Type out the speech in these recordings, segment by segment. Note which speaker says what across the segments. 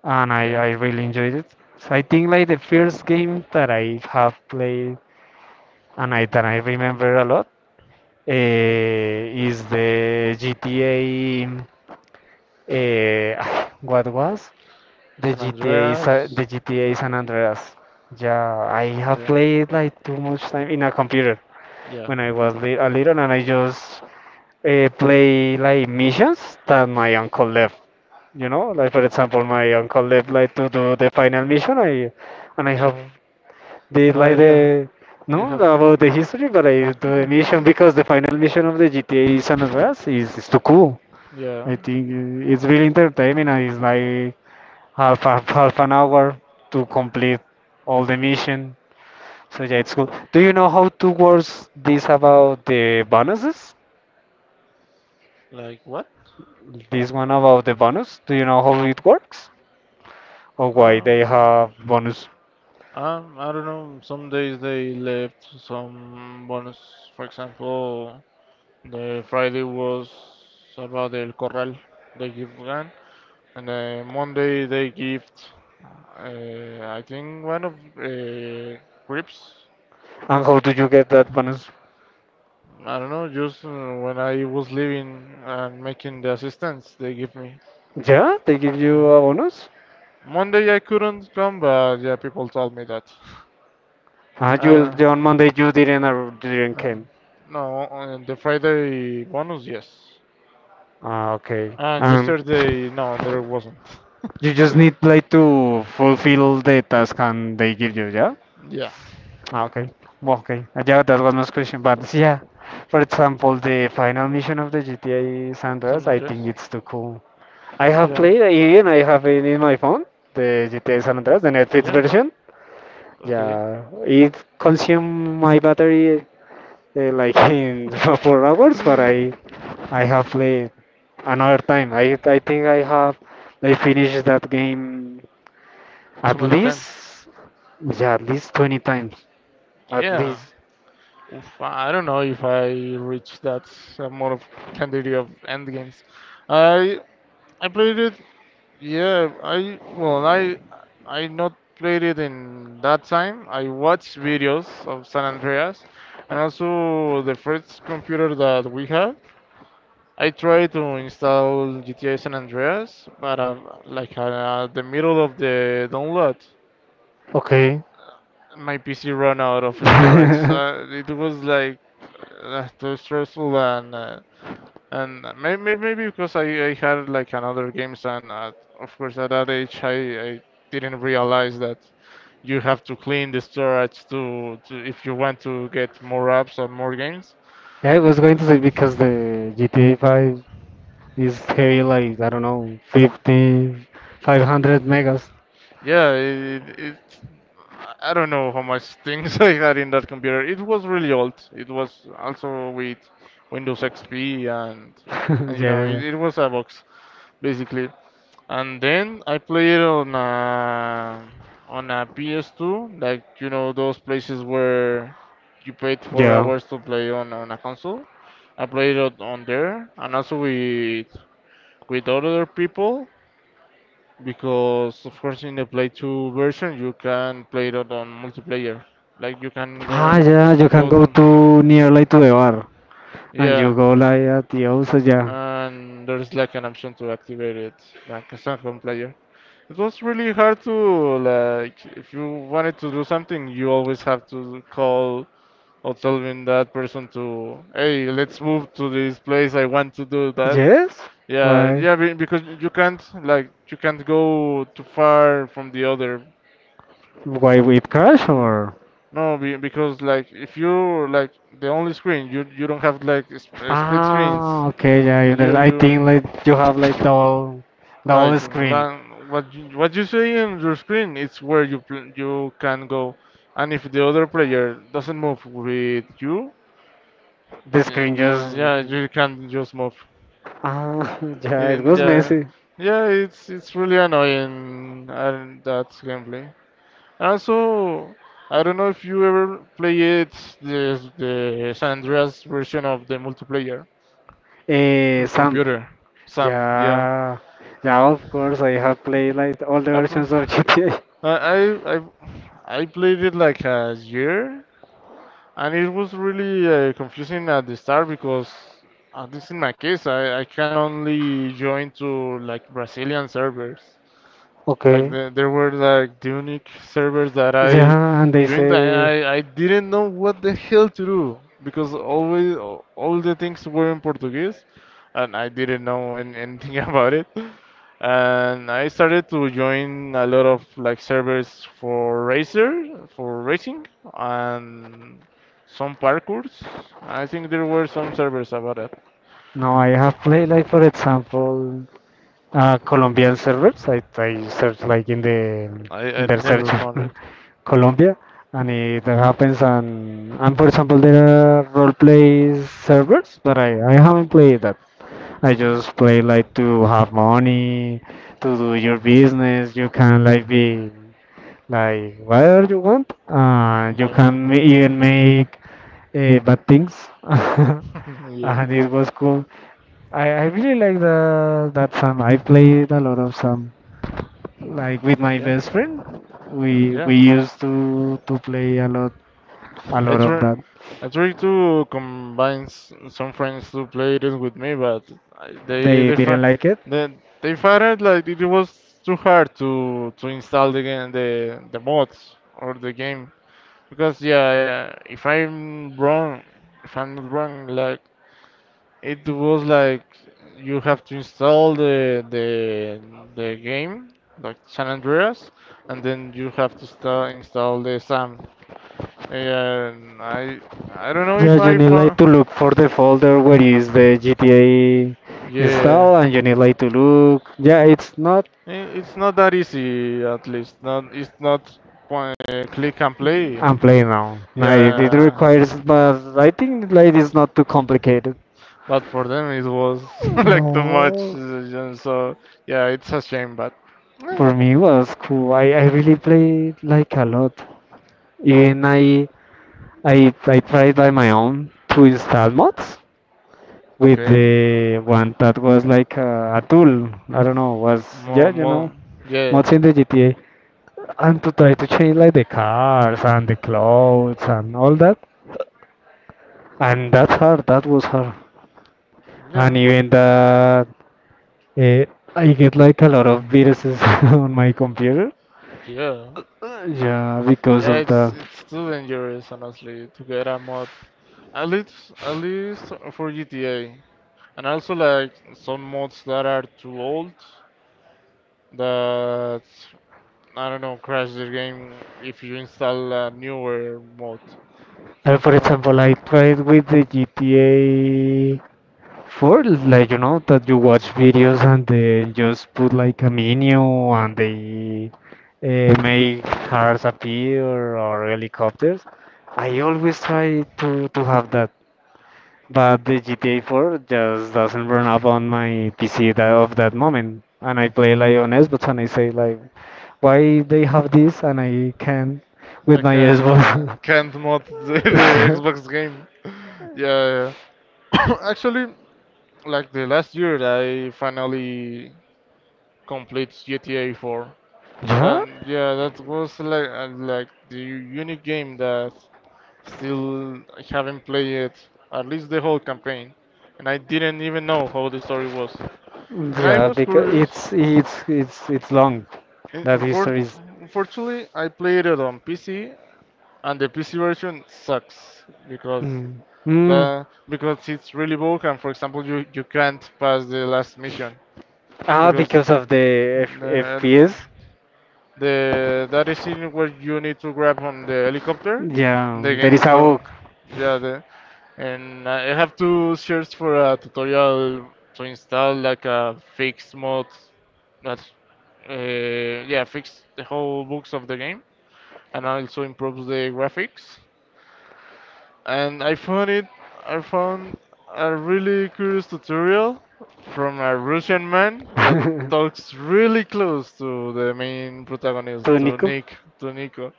Speaker 1: and I,
Speaker 2: Yeah.
Speaker 1: I really enjoyed it. So I think like the first game that I have played and I that I remember a lot
Speaker 2: Okay.
Speaker 1: is the GTA. What was the
Speaker 2: San
Speaker 1: GTA? The
Speaker 2: Andreas.
Speaker 1: GTA San Andreas. Yeah, I have
Speaker 2: Yeah,
Speaker 1: played like too much time in a computer
Speaker 2: yeah,
Speaker 1: when I was a little, and I just play like missions that my uncle left. You know, like for example, my uncle left like to do the final mission. I and I
Speaker 2: yeah.
Speaker 1: have they
Speaker 2: No
Speaker 1: like
Speaker 2: idea.
Speaker 1: the
Speaker 2: You
Speaker 1: no
Speaker 2: have,
Speaker 1: about the history, but I do the mission because the final mission of the GTA San Andreas is too cool.
Speaker 2: yeah.
Speaker 1: I think it's really entertaining, and it's like half an hour to complete all the mission. So yeah, it's cool. Do you know how to works this about the bonuses?
Speaker 2: Like what?
Speaker 1: This one about the bonus. Do you know how it works or why they
Speaker 2: Um,
Speaker 1: have bonus
Speaker 2: I don't know, some days they left some bonus. For example, the Friday was about El Corral. They give one, and then Monday they give. I think one of crips.
Speaker 1: and how do you get that bonus?
Speaker 2: I don't know, just when I was leaving and making the assistance, they give me.
Speaker 1: Yeah, they give you
Speaker 2: Yeah.
Speaker 1: a bonus.
Speaker 2: Monday I couldn't come, but yeah, people told me that.
Speaker 1: Ah, you
Speaker 2: Uh,
Speaker 1: will on Monday. You didn't. Didn't
Speaker 2: no,
Speaker 1: came.
Speaker 2: no, on the Friday bonus, yes.
Speaker 1: Ah, okay.
Speaker 2: And yesterday, no, there wasn't.
Speaker 1: You just need like to fulfill the task and they give you. Yeah.
Speaker 2: yeah,
Speaker 1: Ah, okay. Well, okay. Yeah, that was my question. But yeah, for example, the final mission of the GTA San
Speaker 2: San
Speaker 1: Andreas, I
Speaker 2: Andres.
Speaker 1: think it's too cool. I have
Speaker 2: Yeah,
Speaker 1: played it and I have it in my phone. The GTA San Andreas, the Netflix
Speaker 2: yeah,
Speaker 1: version.
Speaker 2: okay.
Speaker 1: Yeah, it consumed my battery like in 4 hours, but I have played another time. I think I finished that game
Speaker 2: Too
Speaker 1: at
Speaker 2: many times.
Speaker 1: least, yeah, at least 20 times at
Speaker 2: Yeah.
Speaker 1: least.
Speaker 2: Oof, I don't know if I reached that amount of quantity of end games. I I played it. Yeah, I well, I not played it in that time. I watched videos of San Andreas, and also the first computer that we had. I tried to install GTA San Andreas, but like the middle of the download,
Speaker 1: Okay.
Speaker 2: my PC ran out of storage.
Speaker 1: yeah,
Speaker 2: It was like too stressful and and maybe because I had like another games, and of course at that age I didn't realize that you have to clean the storage to if you want to get more apps or more games.
Speaker 1: I was going to say because the GTA 5 is heavy like I don't know 50 500 megas.
Speaker 2: Yeah, it. I don't know how much things I had in that computer. It was really old. It was also with Windows XP, and you know it,
Speaker 1: yeah.
Speaker 2: it was a box basically. And then I play it on a PS2, like you know those places where you paid four
Speaker 1: Yeah.
Speaker 2: hours to play on a console. I played it on there, and also with other people, because of course in the Play 2 version you can play it on multiplayer. Like you can
Speaker 1: Ah,
Speaker 2: go
Speaker 1: yeah, you can
Speaker 2: go
Speaker 1: go
Speaker 2: to
Speaker 1: to nearly to the bar and you
Speaker 2: yeah,
Speaker 1: go like at the house, yeah.
Speaker 2: and there's like an option to activate it like a second player. It was really hard to, like if you wanted to do something, you always have to call or telling that person to, hey, let's move to this place. I want to do that.
Speaker 1: Yes?
Speaker 2: Yeah,
Speaker 1: Why?
Speaker 2: yeah, because you can't like you can't go too far from the other.
Speaker 1: Why with crash
Speaker 2: Mm.
Speaker 1: or?
Speaker 2: No, because like if you like the only screen, you don't have like split screens.
Speaker 1: Ah, okay, yeah,
Speaker 2: You
Speaker 1: I think
Speaker 2: you
Speaker 1: like you have like double,
Speaker 2: Like
Speaker 1: double screen.
Speaker 2: la- what you, what you see on your screen is where you can go, and if the other player doesn't move with you,
Speaker 1: The screen
Speaker 2: then,
Speaker 1: just
Speaker 2: yeah, you can just move.
Speaker 1: yeah, it was
Speaker 2: Yeah,
Speaker 1: messy.
Speaker 2: yeah, it's really annoying and that gameplay. Also, I don't know if you ever played the the San Andreas version of the multiplayer on
Speaker 1: Sam,
Speaker 2: computer. Sam, yeah,
Speaker 1: yeah, yeah, of course I have played like all the
Speaker 2: I pl-
Speaker 1: versions of GTA.
Speaker 2: I I I I played it like a year. And it was really confusing at the start because, at least in my case, I can only join to like Brazilian servers. Like
Speaker 1: Okay.
Speaker 2: there were like Dunic servers that I
Speaker 1: Yeah, and they
Speaker 2: joined. I,
Speaker 1: say
Speaker 2: I I didn't know what the hell to do, because always all the things were in Portuguese, and I didn't know anything about it. And I started to join a lot of like servers for racer for racing and some parkours. I think there were some servers about it.
Speaker 1: no, I have played like for example. Colombian servers. I search like in the
Speaker 2: I
Speaker 1: in the search
Speaker 2: never found it.
Speaker 1: Colombia, and it happens. And for example, there are role play servers, but I haven't played that. I
Speaker 2: Hmm.
Speaker 1: just play like to have money, to do your business. You can like be like whatever you want. You
Speaker 2: Yeah.
Speaker 1: can even make bad things.
Speaker 2: yeah.
Speaker 1: And it was cool. I really like the that song. I played a lot of Sam. Like with my
Speaker 2: Yeah.
Speaker 1: best friend, we
Speaker 2: Yeah.
Speaker 1: we used to play a lot a
Speaker 2: I
Speaker 1: lot of
Speaker 2: try,
Speaker 1: that.
Speaker 2: I try to combine some friends to play it with me, but I- they
Speaker 1: They
Speaker 2: they fi-
Speaker 1: didn't like it.
Speaker 2: they found it like it was too hard to install the game, the mods or the game. Because yeah, if I'm wrong, if I'm not wrong, like it was like you have to install the the game like San Andreas, and then you have to sta install the SAM. Yeah, I I don't know
Speaker 1: Yeah,
Speaker 2: if
Speaker 1: you
Speaker 2: I
Speaker 1: need like to
Speaker 2: found.
Speaker 1: look for the folder where is the GTA
Speaker 2: Yeah,
Speaker 1: install, and you need like to look. Yeah, it's not.
Speaker 2: it's not that easy. At least not it's not click and play.
Speaker 1: I'm playing now. No, it
Speaker 2: Yeah,
Speaker 1: requires, but I think like it's not too complicated.
Speaker 2: but for them it was like too much.
Speaker 1: No.
Speaker 2: Yeah, so yeah, it's a shame. But eh,
Speaker 1: For me it was cool. I really played like a lot. Even I tried by my own to install mods with
Speaker 2: okay,
Speaker 1: the one that was like a tool. I don't know, was yeah,
Speaker 2: more. Yeah,
Speaker 1: mods in the GTA, and to try to change like the cars and the clothes and all that. And that's her. That was her. And
Speaker 2: yeah,
Speaker 1: even that, uh, I get like a lot of viruses on my computer.
Speaker 2: yeah.
Speaker 1: Yeah, because
Speaker 2: Yeah,
Speaker 1: of the.
Speaker 2: it's too dangerous, honestly, to get a mod. At least for GTA. And also like some mods that are too old that, I don't know, crash the game if you install a newer mod.
Speaker 1: For
Speaker 2: Nah,
Speaker 1: example, I tried with the GTA for like you know that you watch videos and they just put like a menu and they make cars appear or helicopters. I always try to have that, but the GTA 4 just doesn't run up on my PC that of that moment. And I play like on Xbox and I say like, why they have this and I can
Speaker 2: I
Speaker 1: with my Xbox.
Speaker 2: can't mod the Xbox game. yeah, yeah. Actually, like the last year I finally complete GTA 4.
Speaker 1: Yeah,
Speaker 2: Then yeah, that was like the unique game that still I haven't played it, at least the whole campaign, and I didn't even know how the story was. And I
Speaker 1: yeah,
Speaker 2: was
Speaker 1: because
Speaker 2: curious.
Speaker 1: it's long.
Speaker 2: In-
Speaker 1: That
Speaker 2: infor-
Speaker 1: history is.
Speaker 2: Unfortunately, I played it on PC, and the PC version sucks because
Speaker 1: Mm. Mm.
Speaker 2: the because it's really broken. For example, you can't pass the last mission
Speaker 1: Ah,
Speaker 2: because
Speaker 1: because of the F
Speaker 2: the
Speaker 1: FPS.
Speaker 2: the that is in where you need to grab on the helicopter.
Speaker 1: Yeah,
Speaker 2: The
Speaker 1: there
Speaker 2: game
Speaker 1: is a
Speaker 2: don't.
Speaker 1: book.
Speaker 2: Yeah, the. And I have to search for a tutorial to install like a fix mod that, uh, yeah, fix the whole books of the game, and also improves the graphics, and I found it. I found a really curious tutorial from a Russian man that talks really close to the main protagonist,
Speaker 1: To
Speaker 2: to
Speaker 1: Nico.
Speaker 2: Nick, to Nico.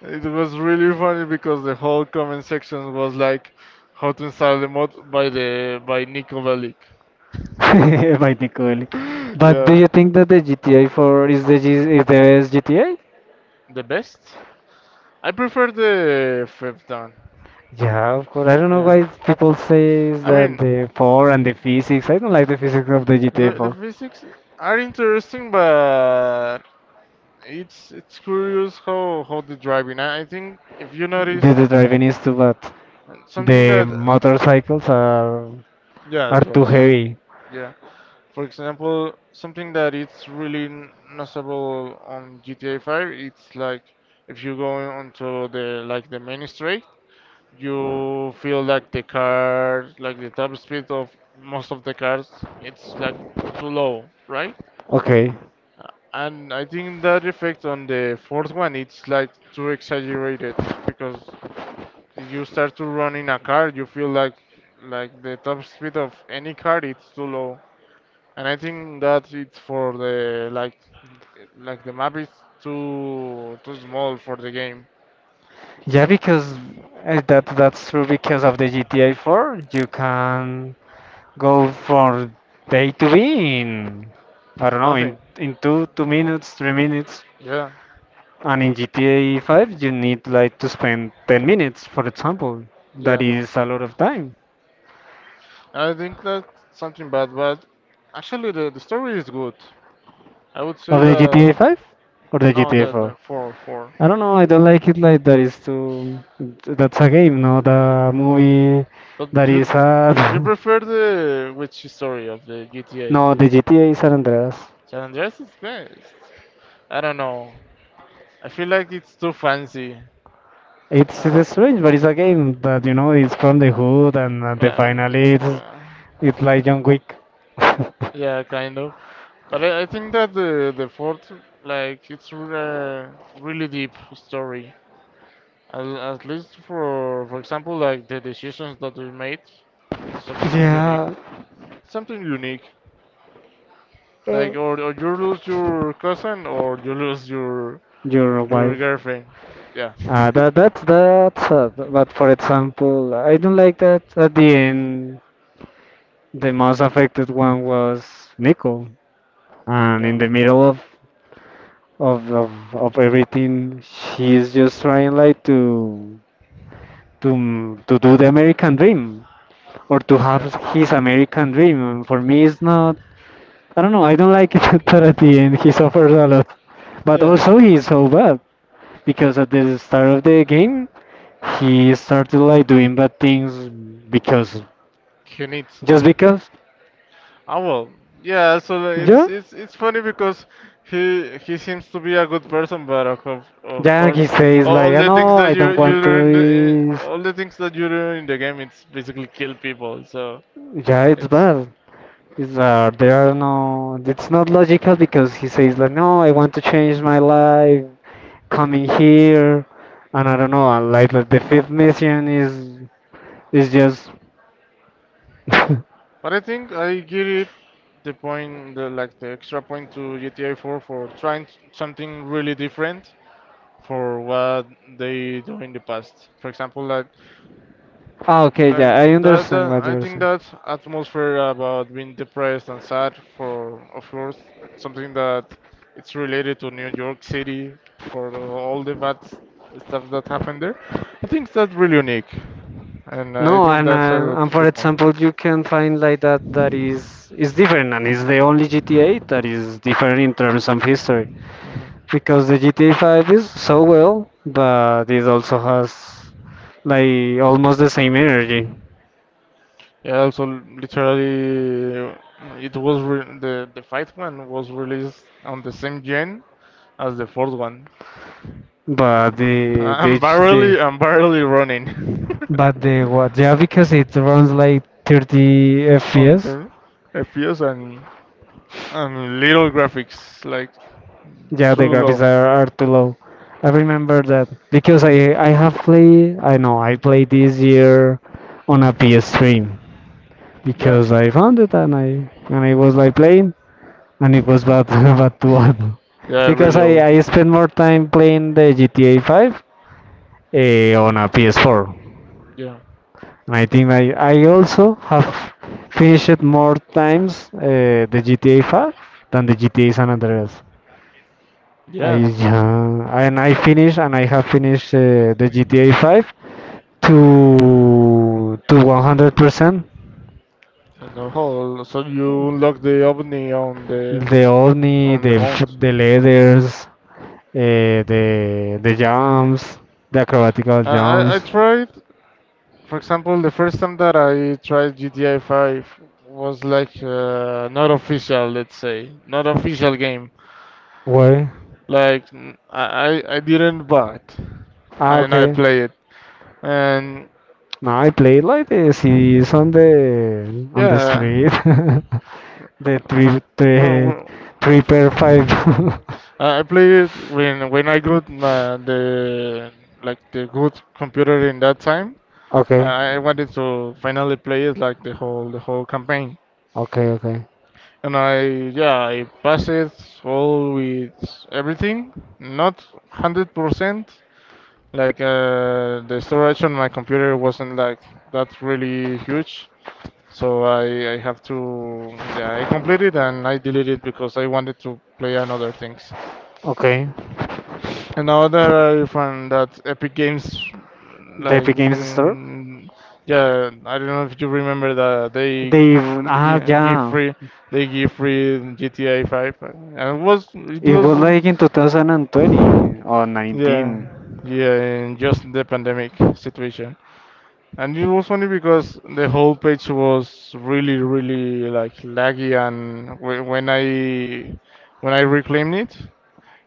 Speaker 2: It was really funny because the whole comment section was like, "How to install the mod by Nico Bellic."
Speaker 1: By Nico Bellic. But do
Speaker 2: yeah,
Speaker 1: you think that the GTA 4 is the G is the best GTA?
Speaker 2: the best. I prefer the fifth one.
Speaker 1: Yeah, of course. I don't know
Speaker 2: Yeah,
Speaker 1: why people say
Speaker 2: I
Speaker 1: that
Speaker 2: mean,
Speaker 1: the 4 and the physics. I don't like the physics of the GTA
Speaker 2: the
Speaker 1: 4.
Speaker 2: physics are interesting, but it's curious how the driving. I think if you
Speaker 1: The,
Speaker 2: notice
Speaker 1: the driving is too bad.
Speaker 2: something
Speaker 1: The
Speaker 2: that
Speaker 1: motorcycles are
Speaker 2: yeah
Speaker 1: are too
Speaker 2: dress
Speaker 1: heavy.
Speaker 2: yeah. For example, something that it's really noticeable on GTA 5. It's like if you go onto the like the main straight, you feel like the car, like the top speed of most of the cars it's like too low, right?
Speaker 1: Okay.
Speaker 2: And I think that effect on the fourth one it's like too exaggerated, because you start to run in a car, you feel like the top speed of any car it's too low. And I think that it's for the like the map is too small for the game.
Speaker 1: Yeah, because that's true because of the GTA 4, you can go from A to B in I don't know in
Speaker 2: Nothing.
Speaker 1: in two minutes, 3 minutes.
Speaker 2: Yeah,
Speaker 1: And in GTA 5, you need like to spend 10 minutes, for example. That
Speaker 2: yeah.
Speaker 1: is a lot of time.
Speaker 2: I think that's something bad, but actually the story is good. I would
Speaker 1: Of
Speaker 2: say
Speaker 1: the GTA
Speaker 2: the
Speaker 1: 5 or the
Speaker 2: no
Speaker 1: GTA
Speaker 2: the
Speaker 1: 4?
Speaker 2: four.
Speaker 1: I don't know. I don't like it like that. Is too. That's a game, not a movie.
Speaker 2: But
Speaker 1: That
Speaker 2: you
Speaker 1: is a.
Speaker 2: you you prefer the which story of the GTA?
Speaker 1: No, the GTA San Andreas.
Speaker 2: San Andreas is best. I don't know. I feel like it's too fancy.
Speaker 1: It's,
Speaker 2: Uh,
Speaker 1: it's strange, but it's a game that you know it's from the hood, and at the finally
Speaker 2: um,
Speaker 1: it's
Speaker 2: uh,
Speaker 1: it's like John Wick.
Speaker 2: yeah, kind of. But I think that the fourth, like, it's really deep story. At least for example, like the decisions that we made, it's something unique.
Speaker 1: yeah,
Speaker 2: Something unique. Like,
Speaker 1: uh,
Speaker 2: or you lose your cousin, or you lose
Speaker 1: your
Speaker 2: your
Speaker 1: wife.
Speaker 2: girlfriend. Yeah,
Speaker 1: That that's that's sad. But for example, I don't like that. At the end, the most affected one was Nico, and
Speaker 2: yeah,
Speaker 1: in the middle of of everything, she is just trying like to do the American dream or to have
Speaker 2: yeah,
Speaker 1: his American dream. And for me, it's not. I don't know. I don't like it that at the end he suffers a lot, but
Speaker 2: yeah.
Speaker 1: also he's so bad because at the start of the game he started like doing bad things because
Speaker 2: He needs to.
Speaker 1: just because.
Speaker 2: Ah, well, yeah. So like, it's
Speaker 1: Yeah,
Speaker 2: it's funny because he seems to be a good person, but of
Speaker 1: yeah. He
Speaker 2: course,
Speaker 1: says
Speaker 2: all
Speaker 1: like, "I
Speaker 2: the things
Speaker 1: know
Speaker 2: that
Speaker 1: I
Speaker 2: you
Speaker 1: don't
Speaker 2: you
Speaker 1: want to."
Speaker 2: do in the,
Speaker 1: Is
Speaker 2: all the things that you do in the game, it's basically kill people. So
Speaker 1: yeah, it's
Speaker 2: it's.
Speaker 1: bad. It's there are no. It's not logical because he says like, "No, I want to change my life, coming here," and I don't know. Like the fifth mission is just.
Speaker 2: But I think I give it the point, the like the extra point to GTA 4 for trying something really different for what they do in the past. For example, like
Speaker 1: Okay, yeah, I
Speaker 2: Like that,
Speaker 1: understand
Speaker 2: that
Speaker 1: what
Speaker 2: I
Speaker 1: you're
Speaker 2: think
Speaker 1: saying.
Speaker 2: that atmosphere about being depressed and sad for, of course, something that it's related to New York City for all the bad stuff that happened there. I think that's really unique, and I
Speaker 1: No,
Speaker 2: think
Speaker 1: and
Speaker 2: that's a good,
Speaker 1: for
Speaker 2: good point.
Speaker 1: example, you can find like that is different, and it's the only GTA that is different in terms of history
Speaker 2: Hmm.
Speaker 1: because the GTA 5 is so well, but it also has like almost the same energy,
Speaker 2: Yeah, also literally, it was the fifth one was released on the same gen as the fourth one.
Speaker 1: but the
Speaker 2: I'm barely running.
Speaker 1: but the what, yeah, because it runs like 30
Speaker 2: on
Speaker 1: FPS.
Speaker 2: the FPS and little graphics like
Speaker 1: Yeah, the
Speaker 2: too low.
Speaker 1: graphics are too low. I remember that because I have played I know I played this year on a PS3
Speaker 2: Yeah,
Speaker 1: because I found it, and I was like playing, and it was bad bad too bad
Speaker 2: yeah,
Speaker 1: because
Speaker 2: really
Speaker 1: I
Speaker 2: old.
Speaker 1: I spent more time playing the GTA 5 on a PS4,
Speaker 2: Yeah,
Speaker 1: and I think I also have finished more times the GTA 5 than the GTA San Andreas. I
Speaker 2: yeah.
Speaker 1: yeah, and I finished, and I have finished the GTA 5 to 100%.
Speaker 2: And the whole, so you unlock the ovni
Speaker 1: The only
Speaker 2: on the mount.
Speaker 1: the leathers, the jumps, the acrobatical
Speaker 2: I
Speaker 1: jumps.
Speaker 2: tried, for example, the first time that I tried GTA 5 was like not official, let's say, not official game.
Speaker 1: Why?
Speaker 2: Like I didn't buy it, and I
Speaker 1: Okay.
Speaker 2: play it, and
Speaker 1: No, I played like this. It's on the
Speaker 2: yeah.
Speaker 1: street. the three
Speaker 2: No,
Speaker 1: the
Speaker 2: well,
Speaker 1: three
Speaker 2: for,
Speaker 1: per five.
Speaker 2: I played it when I got my, the like the good computer in that time.
Speaker 1: okay,
Speaker 2: I wanted to finally play it like the whole campaign,
Speaker 1: okay, okay,
Speaker 2: and I yeah I passed it all with everything, not 100%. Like the storage on my computer wasn't like that really huge, so I have to, yeah, I completed and I deleted because I wanted to play another things.
Speaker 1: okay.
Speaker 2: And now that I found that Epic Games,
Speaker 1: The
Speaker 2: like,
Speaker 1: Epic Games Store?
Speaker 2: yeah, I don't know if you remember that
Speaker 1: They
Speaker 2: gi- give
Speaker 1: yeah,
Speaker 2: free, they give free GTA 5, and
Speaker 1: it was like in 2020 or
Speaker 2: yeah,
Speaker 1: 19.
Speaker 2: yeah, in just the pandemic situation. And it was funny because the whole page was really, really like laggy, and when I reclaimed it,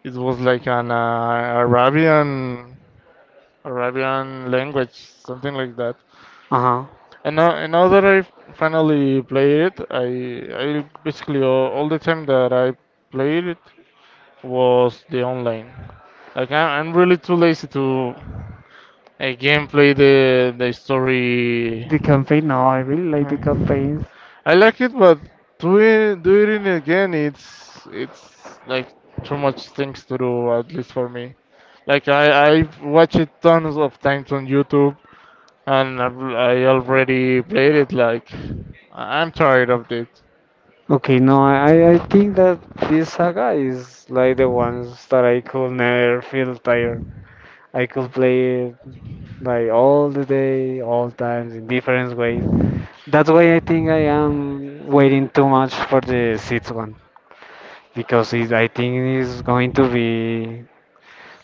Speaker 2: it was like an Arabian language, something like that.
Speaker 1: Uh-huh.
Speaker 2: And now, that I finally played it, I basically all the time that I played it was the online. Like I'm really too lazy to again play the story.
Speaker 1: The campaign, no, I really like
Speaker 2: Huh.
Speaker 1: the campaigns.
Speaker 2: I like it, but doing it again, it's like too much things to do, at least for me. Like I watch it tons of times on YouTube, and I already played it. Like I'm tired of it,
Speaker 1: Okay, no, I think that this saga is like the ones that I could never feel tired. I could play it like all the day, all times in different ways. That's why I think I am waiting too much for the sixth one because I think it's going to be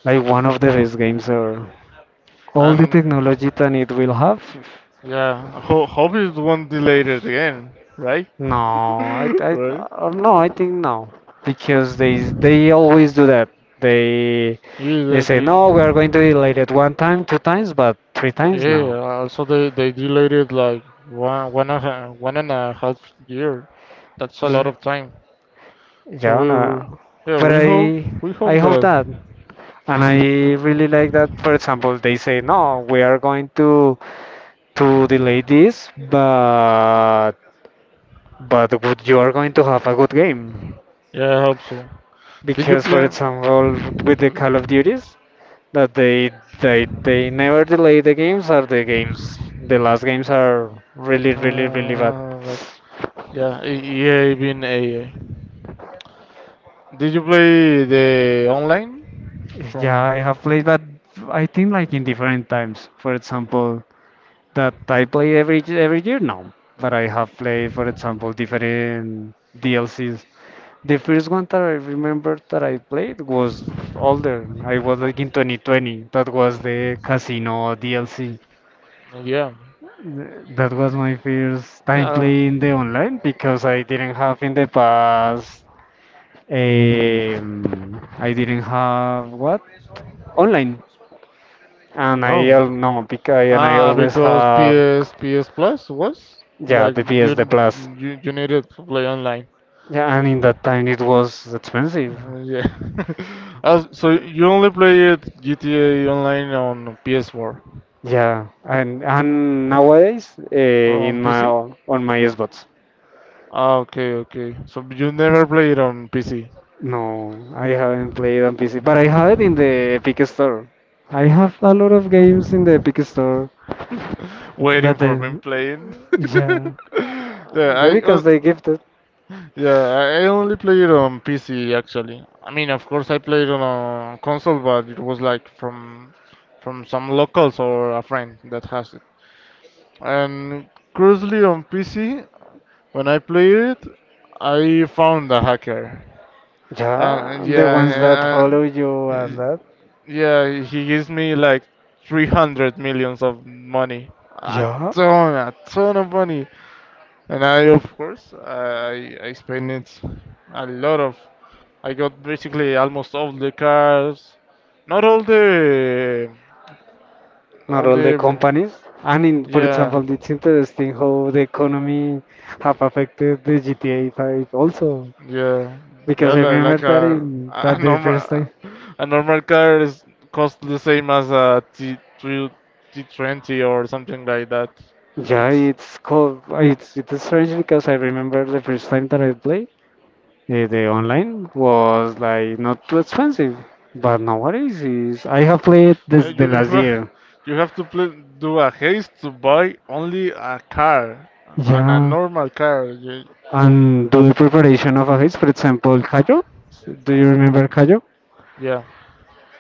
Speaker 1: like one of the best games ever. All the
Speaker 2: and
Speaker 1: technology that it will have.
Speaker 2: yeah, hope it won't delay it again, right?
Speaker 1: No, i, I
Speaker 2: Right?
Speaker 1: no, I think no, because they always do that. they
Speaker 2: Yeah,
Speaker 1: they
Speaker 2: that
Speaker 1: say no, we are
Speaker 2: it.
Speaker 1: going to delay it one time, two times, but three times
Speaker 2: Yeah,
Speaker 1: now.
Speaker 2: also they delayed it like one and a half year. That's a lot
Speaker 1: Yeah,
Speaker 2: of time. So
Speaker 1: yeah, no.
Speaker 2: yeah,
Speaker 1: But
Speaker 2: we hope
Speaker 1: i
Speaker 2: we
Speaker 1: i
Speaker 2: hope
Speaker 1: hope
Speaker 2: that.
Speaker 1: that, and I really like that. For example, they say no, we are going to delay this, but you are going to have a good game
Speaker 2: Yeah, I hope so. Did you
Speaker 1: because for
Speaker 2: play?
Speaker 1: example with the call of duties that they never delay the games or the last games are really really really bad.
Speaker 2: Uh, but- yeah, EA been AA. Did you play the online
Speaker 1: Yeah,
Speaker 2: from?
Speaker 1: I have played but I think like in different times. For example, that I play every year now, but I have played for example different DLCs. The first one that I remember that I played was older. I was like in 2020. That was the Casino DLC.
Speaker 2: Yeah,
Speaker 1: That was my first time
Speaker 2: yeah.
Speaker 1: playing the online because I didn't have in the past. I didn't have what online, and I
Speaker 2: No.
Speaker 1: al- no because and I
Speaker 2: Ah,
Speaker 1: always
Speaker 2: because P
Speaker 1: have
Speaker 2: S P S Plus was
Speaker 1: yeah
Speaker 2: like
Speaker 1: the PS the
Speaker 2: you
Speaker 1: Plus.
Speaker 2: you you needed to play online.
Speaker 1: Yeah, and in that time it was expensive.
Speaker 2: Yeah. So you only play it GTA Online on PS4,
Speaker 1: Yeah, and nowadays
Speaker 2: on
Speaker 1: in
Speaker 2: PC?
Speaker 1: my Xbox.
Speaker 2: Ah, okay, okay. So you never play it on PC.
Speaker 1: No, I haven't played on PC, but I have it in the Epic Store. I have a lot of games in the Epic Store.
Speaker 2: Waiting
Speaker 1: That
Speaker 2: for
Speaker 1: they,
Speaker 2: me playing.
Speaker 1: yeah,
Speaker 2: Yeah,
Speaker 1: yeah,
Speaker 2: I
Speaker 1: because they give the,
Speaker 2: yeah, I only play it on PC actually. I mean, of course, I played on a console, but it was like from some locals or a friend that has it. And curiously, on PC, when I played it, I found a hacker.
Speaker 1: yeah, the
Speaker 2: Yeah,
Speaker 1: ones that
Speaker 2: and,
Speaker 1: follow you and that,
Speaker 2: yeah, he gives me like 300 millions of money.
Speaker 1: yeah,
Speaker 2: A ton of money. And I, of course, I spent it a lot of. I got basically almost all the cars. Not
Speaker 1: not
Speaker 2: all
Speaker 1: all the
Speaker 2: the,
Speaker 1: companies. And in, for
Speaker 2: yeah.
Speaker 1: example, it's interesting how the economy have affected the GTA 5 also,
Speaker 2: Yeah, yeah,
Speaker 1: because I
Speaker 2: like,
Speaker 1: remember
Speaker 2: like
Speaker 1: that
Speaker 2: a
Speaker 1: in
Speaker 2: a a
Speaker 1: that the first
Speaker 2: normal
Speaker 1: time.
Speaker 2: a normal car is cost the same as a T three T 20 or something like that.
Speaker 1: Yeah,
Speaker 2: It's
Speaker 1: it's cool. It's strange because I remember the first time that I played. The online was like not too expensive, but nowadays is I have played this the
Speaker 2: you you
Speaker 1: last
Speaker 2: ha-
Speaker 1: year.
Speaker 2: you have to pl do a haste to buy only a car and a
Speaker 1: Yeah,
Speaker 2: normal car. You,
Speaker 1: and do the preparation of a hit, for example, Kayo. Do you remember Kayo?
Speaker 2: yeah,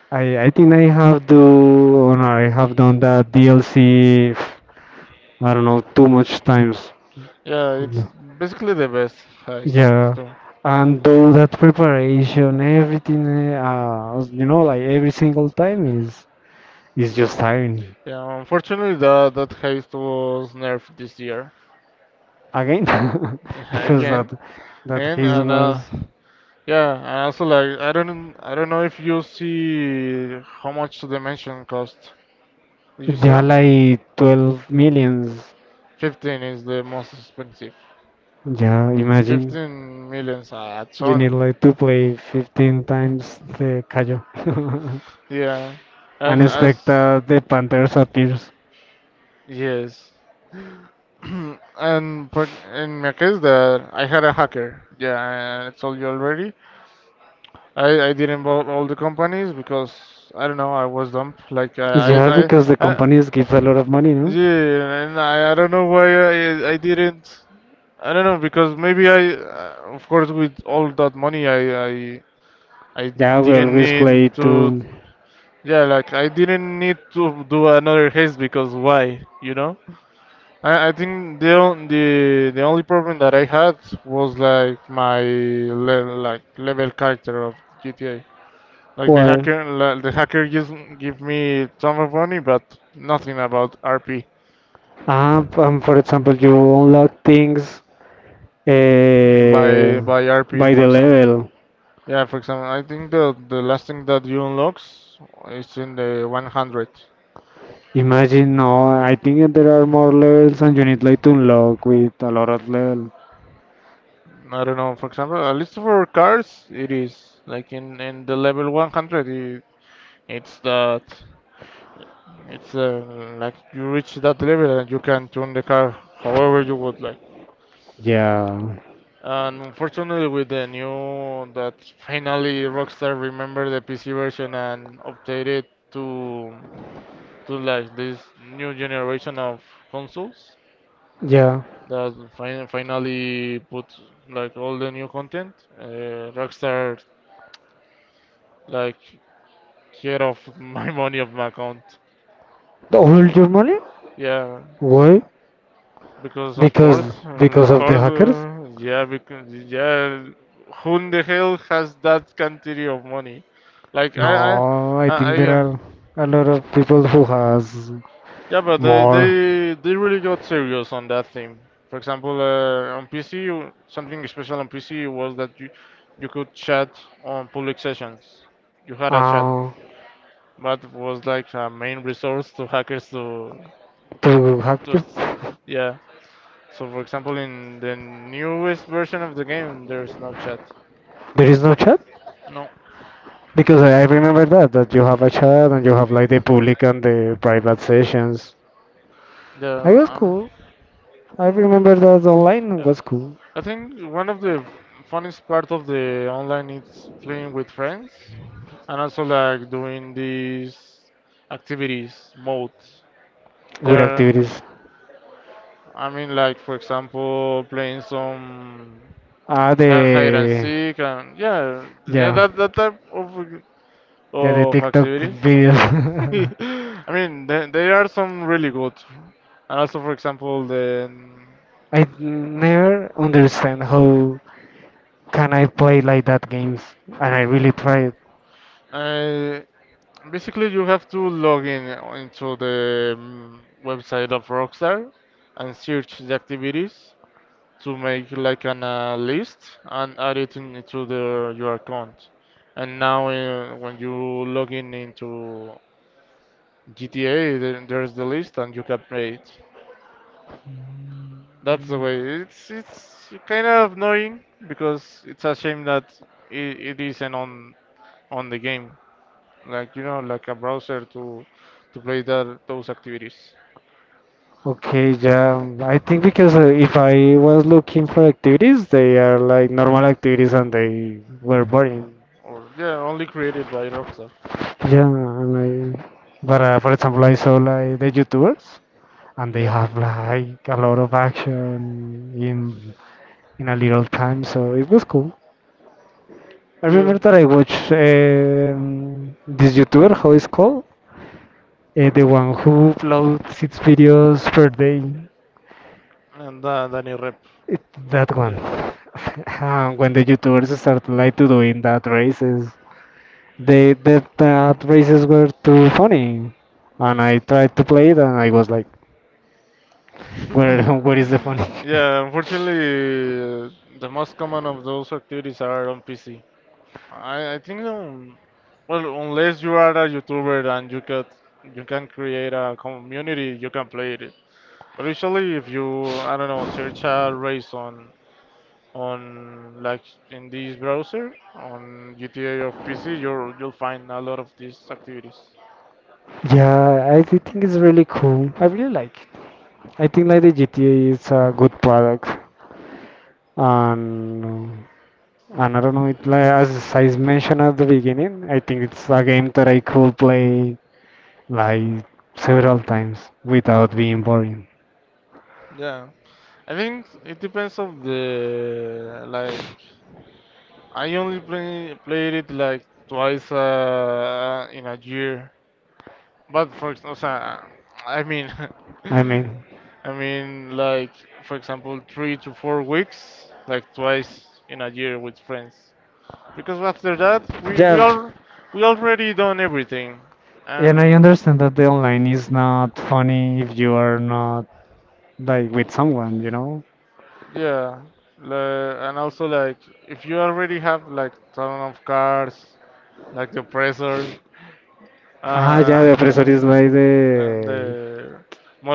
Speaker 1: I think I have do or no, I have done that DLC. I don't know too much times.
Speaker 2: yeah, it's
Speaker 1: No.
Speaker 2: basically the best heist
Speaker 1: Yeah,
Speaker 2: too.
Speaker 1: and do that preparation, everything. You know, like every single time is just tiring.
Speaker 2: Yeah, unfortunately that heist was nerfed this year,
Speaker 1: Again, because that
Speaker 2: again.
Speaker 1: that
Speaker 2: And
Speaker 1: his
Speaker 2: and.
Speaker 1: was
Speaker 2: Yeah, and also like I don't know if you see how much the mansion cost. Did you
Speaker 1: yeah
Speaker 2: sell?
Speaker 1: like 12 millions
Speaker 2: 15 is the most expensive.
Speaker 1: yeah imagine
Speaker 2: 15 millions a
Speaker 1: you need
Speaker 2: ton.
Speaker 1: like to play 15 times the Cayo
Speaker 2: Yeah.
Speaker 1: and
Speaker 2: And
Speaker 1: expect
Speaker 2: as
Speaker 1: that the Panthers appears
Speaker 2: yes. and for, in my case that I had a hacker. Yeah, I told you already. I didn't buy all the companies because I don't know, I was dumb. Like
Speaker 1: yeah because the
Speaker 2: I
Speaker 1: companies give a lot of money no
Speaker 2: yeah, and I don't know why I didn't. I don't know because maybe of course, with all that money, I
Speaker 1: yeah we
Speaker 2: didn't
Speaker 1: always
Speaker 2: need
Speaker 1: play
Speaker 2: to,
Speaker 1: to
Speaker 2: yeah, like I didn't need to do another haze because why, you know? I think the on- the the only problem that I had was like level character of GTA. Like the
Speaker 1: well
Speaker 2: hacker, like, the hacker give me some of money, but nothing about RP
Speaker 1: for example you unlock things uh,
Speaker 2: by RP,
Speaker 1: by
Speaker 2: for
Speaker 1: the
Speaker 2: example.
Speaker 1: level.
Speaker 2: Yeah, for example, I think the last thing that you unlocks is in the 100.
Speaker 1: Imagine, no, I think there are more levels and you need like to unlock with a lot of level.
Speaker 2: I don't know. For example, at least for cars, it is like in the level 100. It's that it's like you reach that level and you can tune the car however you would like.
Speaker 1: Yeah,
Speaker 2: And unfortunately, with the new that finally Rockstar remembered the PC version and updated to to like this new generation of consoles
Speaker 1: yeah.
Speaker 2: that finally put like all the new content. Rockstar like care of my money of my account.
Speaker 1: The whole Germany?
Speaker 2: Yeah,
Speaker 1: Why?
Speaker 2: because of
Speaker 1: Because
Speaker 2: course, um, of
Speaker 1: of the
Speaker 2: course,
Speaker 1: hackers?
Speaker 2: uh, yeah, because yeah, who in the hell has that quantity of money? Like I, I,
Speaker 1: No, I
Speaker 2: I,
Speaker 1: think there
Speaker 2: I,
Speaker 1: are a lot of people who has
Speaker 2: Yeah, but they
Speaker 1: more
Speaker 2: they they really got serious on that theme. For example, on PC, something special on PC was that you could chat on public sessions. You had a chat,
Speaker 1: uh,
Speaker 2: but it was like a main resource to hackers
Speaker 1: to hack
Speaker 2: to
Speaker 1: you.
Speaker 2: s- yeah. So for example, in the newest version of the game, there's no chat.
Speaker 1: There is no chat?
Speaker 2: No.
Speaker 1: Because I remember that you have a chat and you have like the public and the private sessions. I was
Speaker 2: the
Speaker 1: cool. I remember that online
Speaker 2: um,
Speaker 1: was cool.
Speaker 2: I think one of the funniest part of the online is playing with friends and also like doing these activities modes. There
Speaker 1: Good
Speaker 2: are,
Speaker 1: activities.
Speaker 2: I mean, like for example, playing some
Speaker 1: Ah,
Speaker 2: hide and
Speaker 1: the
Speaker 2: seek, and yeah, yeah,
Speaker 1: Yeah,
Speaker 2: that type of
Speaker 1: yeah, the
Speaker 2: of
Speaker 1: TikTok
Speaker 2: activities.
Speaker 1: videos.
Speaker 2: I mean, there are some really good, and also for example the.
Speaker 1: I never understand how can I play like that games, and I really tried.
Speaker 2: Basically, you have to log in into the website of Rockstar and search the activities to make like an list and add it into your account. And now, when you log in into GTA, then there's the list and you can play it. That's the way. It's kind of annoying because it's a shame that it isn't on the game, like a browser to play that those activities.
Speaker 1: Okay, yeah, I think because if I was looking for activities, they are like normal activities and they were boring.
Speaker 2: Or yeah, only created by Rockstar.
Speaker 1: Yeah, and I, but for example, I saw like the YouTubers and they
Speaker 2: Yeah,
Speaker 1: have like a lot of action in a little time, so it was cool. I
Speaker 2: yeah.
Speaker 1: remember that I watched this YouTuber, how it's called? The one who uploads six videos per day.
Speaker 2: and Danny Rep.
Speaker 1: It, that one.
Speaker 2: Yeah.
Speaker 1: When the YouTubers started like to doing that races, they that that races were too funny, and I tried to play it, and I was like, where where is the funny?
Speaker 2: Yeah, unfortunately, the most common of those activities are on PC. I think, well, unless you are a YouTuber and you can create a community, you can play it. But usually, if you I don't know, search a race on like in this browser on GTA of PC, you'll find a lot of these activities.
Speaker 1: Yeah, I think it's really cool. I really like it. I think like the GTA is a good product, and I don't know, it like as I mentioned at the beginning, I think it's a game that I could play like several times without being boring.
Speaker 2: Yeah, I think it depends of the like. I only played it like twice in a year. But for example, I mean,
Speaker 1: I mean,
Speaker 2: I mean like for example 3 to 4 weeks, like twice in a year with friends. Because after that we
Speaker 1: yeah,
Speaker 2: we all we already done everything,
Speaker 1: and I
Speaker 2: and
Speaker 1: understand that the online is not funny if you are not like with someone, you know.
Speaker 2: yeah, and also like if you already have like ton of cars like the oppressor,
Speaker 1: Ah, yeah, the oppressor
Speaker 2: uh,
Speaker 1: is like
Speaker 2: then the
Speaker 1: the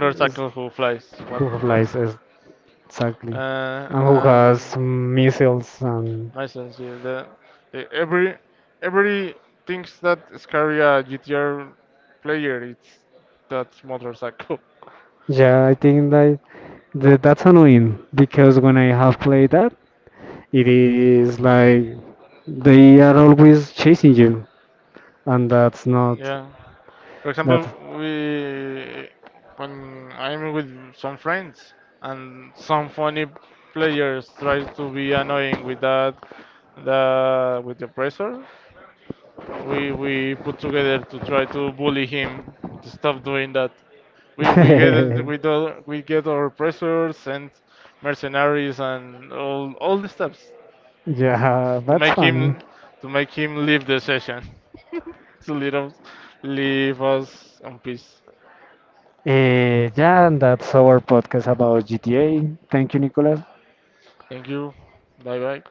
Speaker 1: is
Speaker 2: who flies, what
Speaker 1: who
Speaker 2: flies,
Speaker 1: applies exactly, and who
Speaker 2: and
Speaker 1: has missiles and
Speaker 2: my sense here, the every things that scary a GTR player, it's that motorcycle.
Speaker 1: yeah, I think like. That's annoying because when I have played that, it is like they are always chasing you, and that's not
Speaker 2: Yeah. For
Speaker 1: that.
Speaker 2: example, we when I'm with some friends and some funny players try to be annoying with that the with the oppressor, we put together to try to bully him to stop doing that. We we get we do, we get our pressures and mercenaries and all the steps to,
Speaker 1: Yeah,
Speaker 2: to
Speaker 1: that's
Speaker 2: make
Speaker 1: funny.
Speaker 2: him to make him leave the session to leave us in peace.
Speaker 1: Yeah, and that's our podcast about GTA. Thank you, Nicolas.
Speaker 2: Thank you. Bye bye.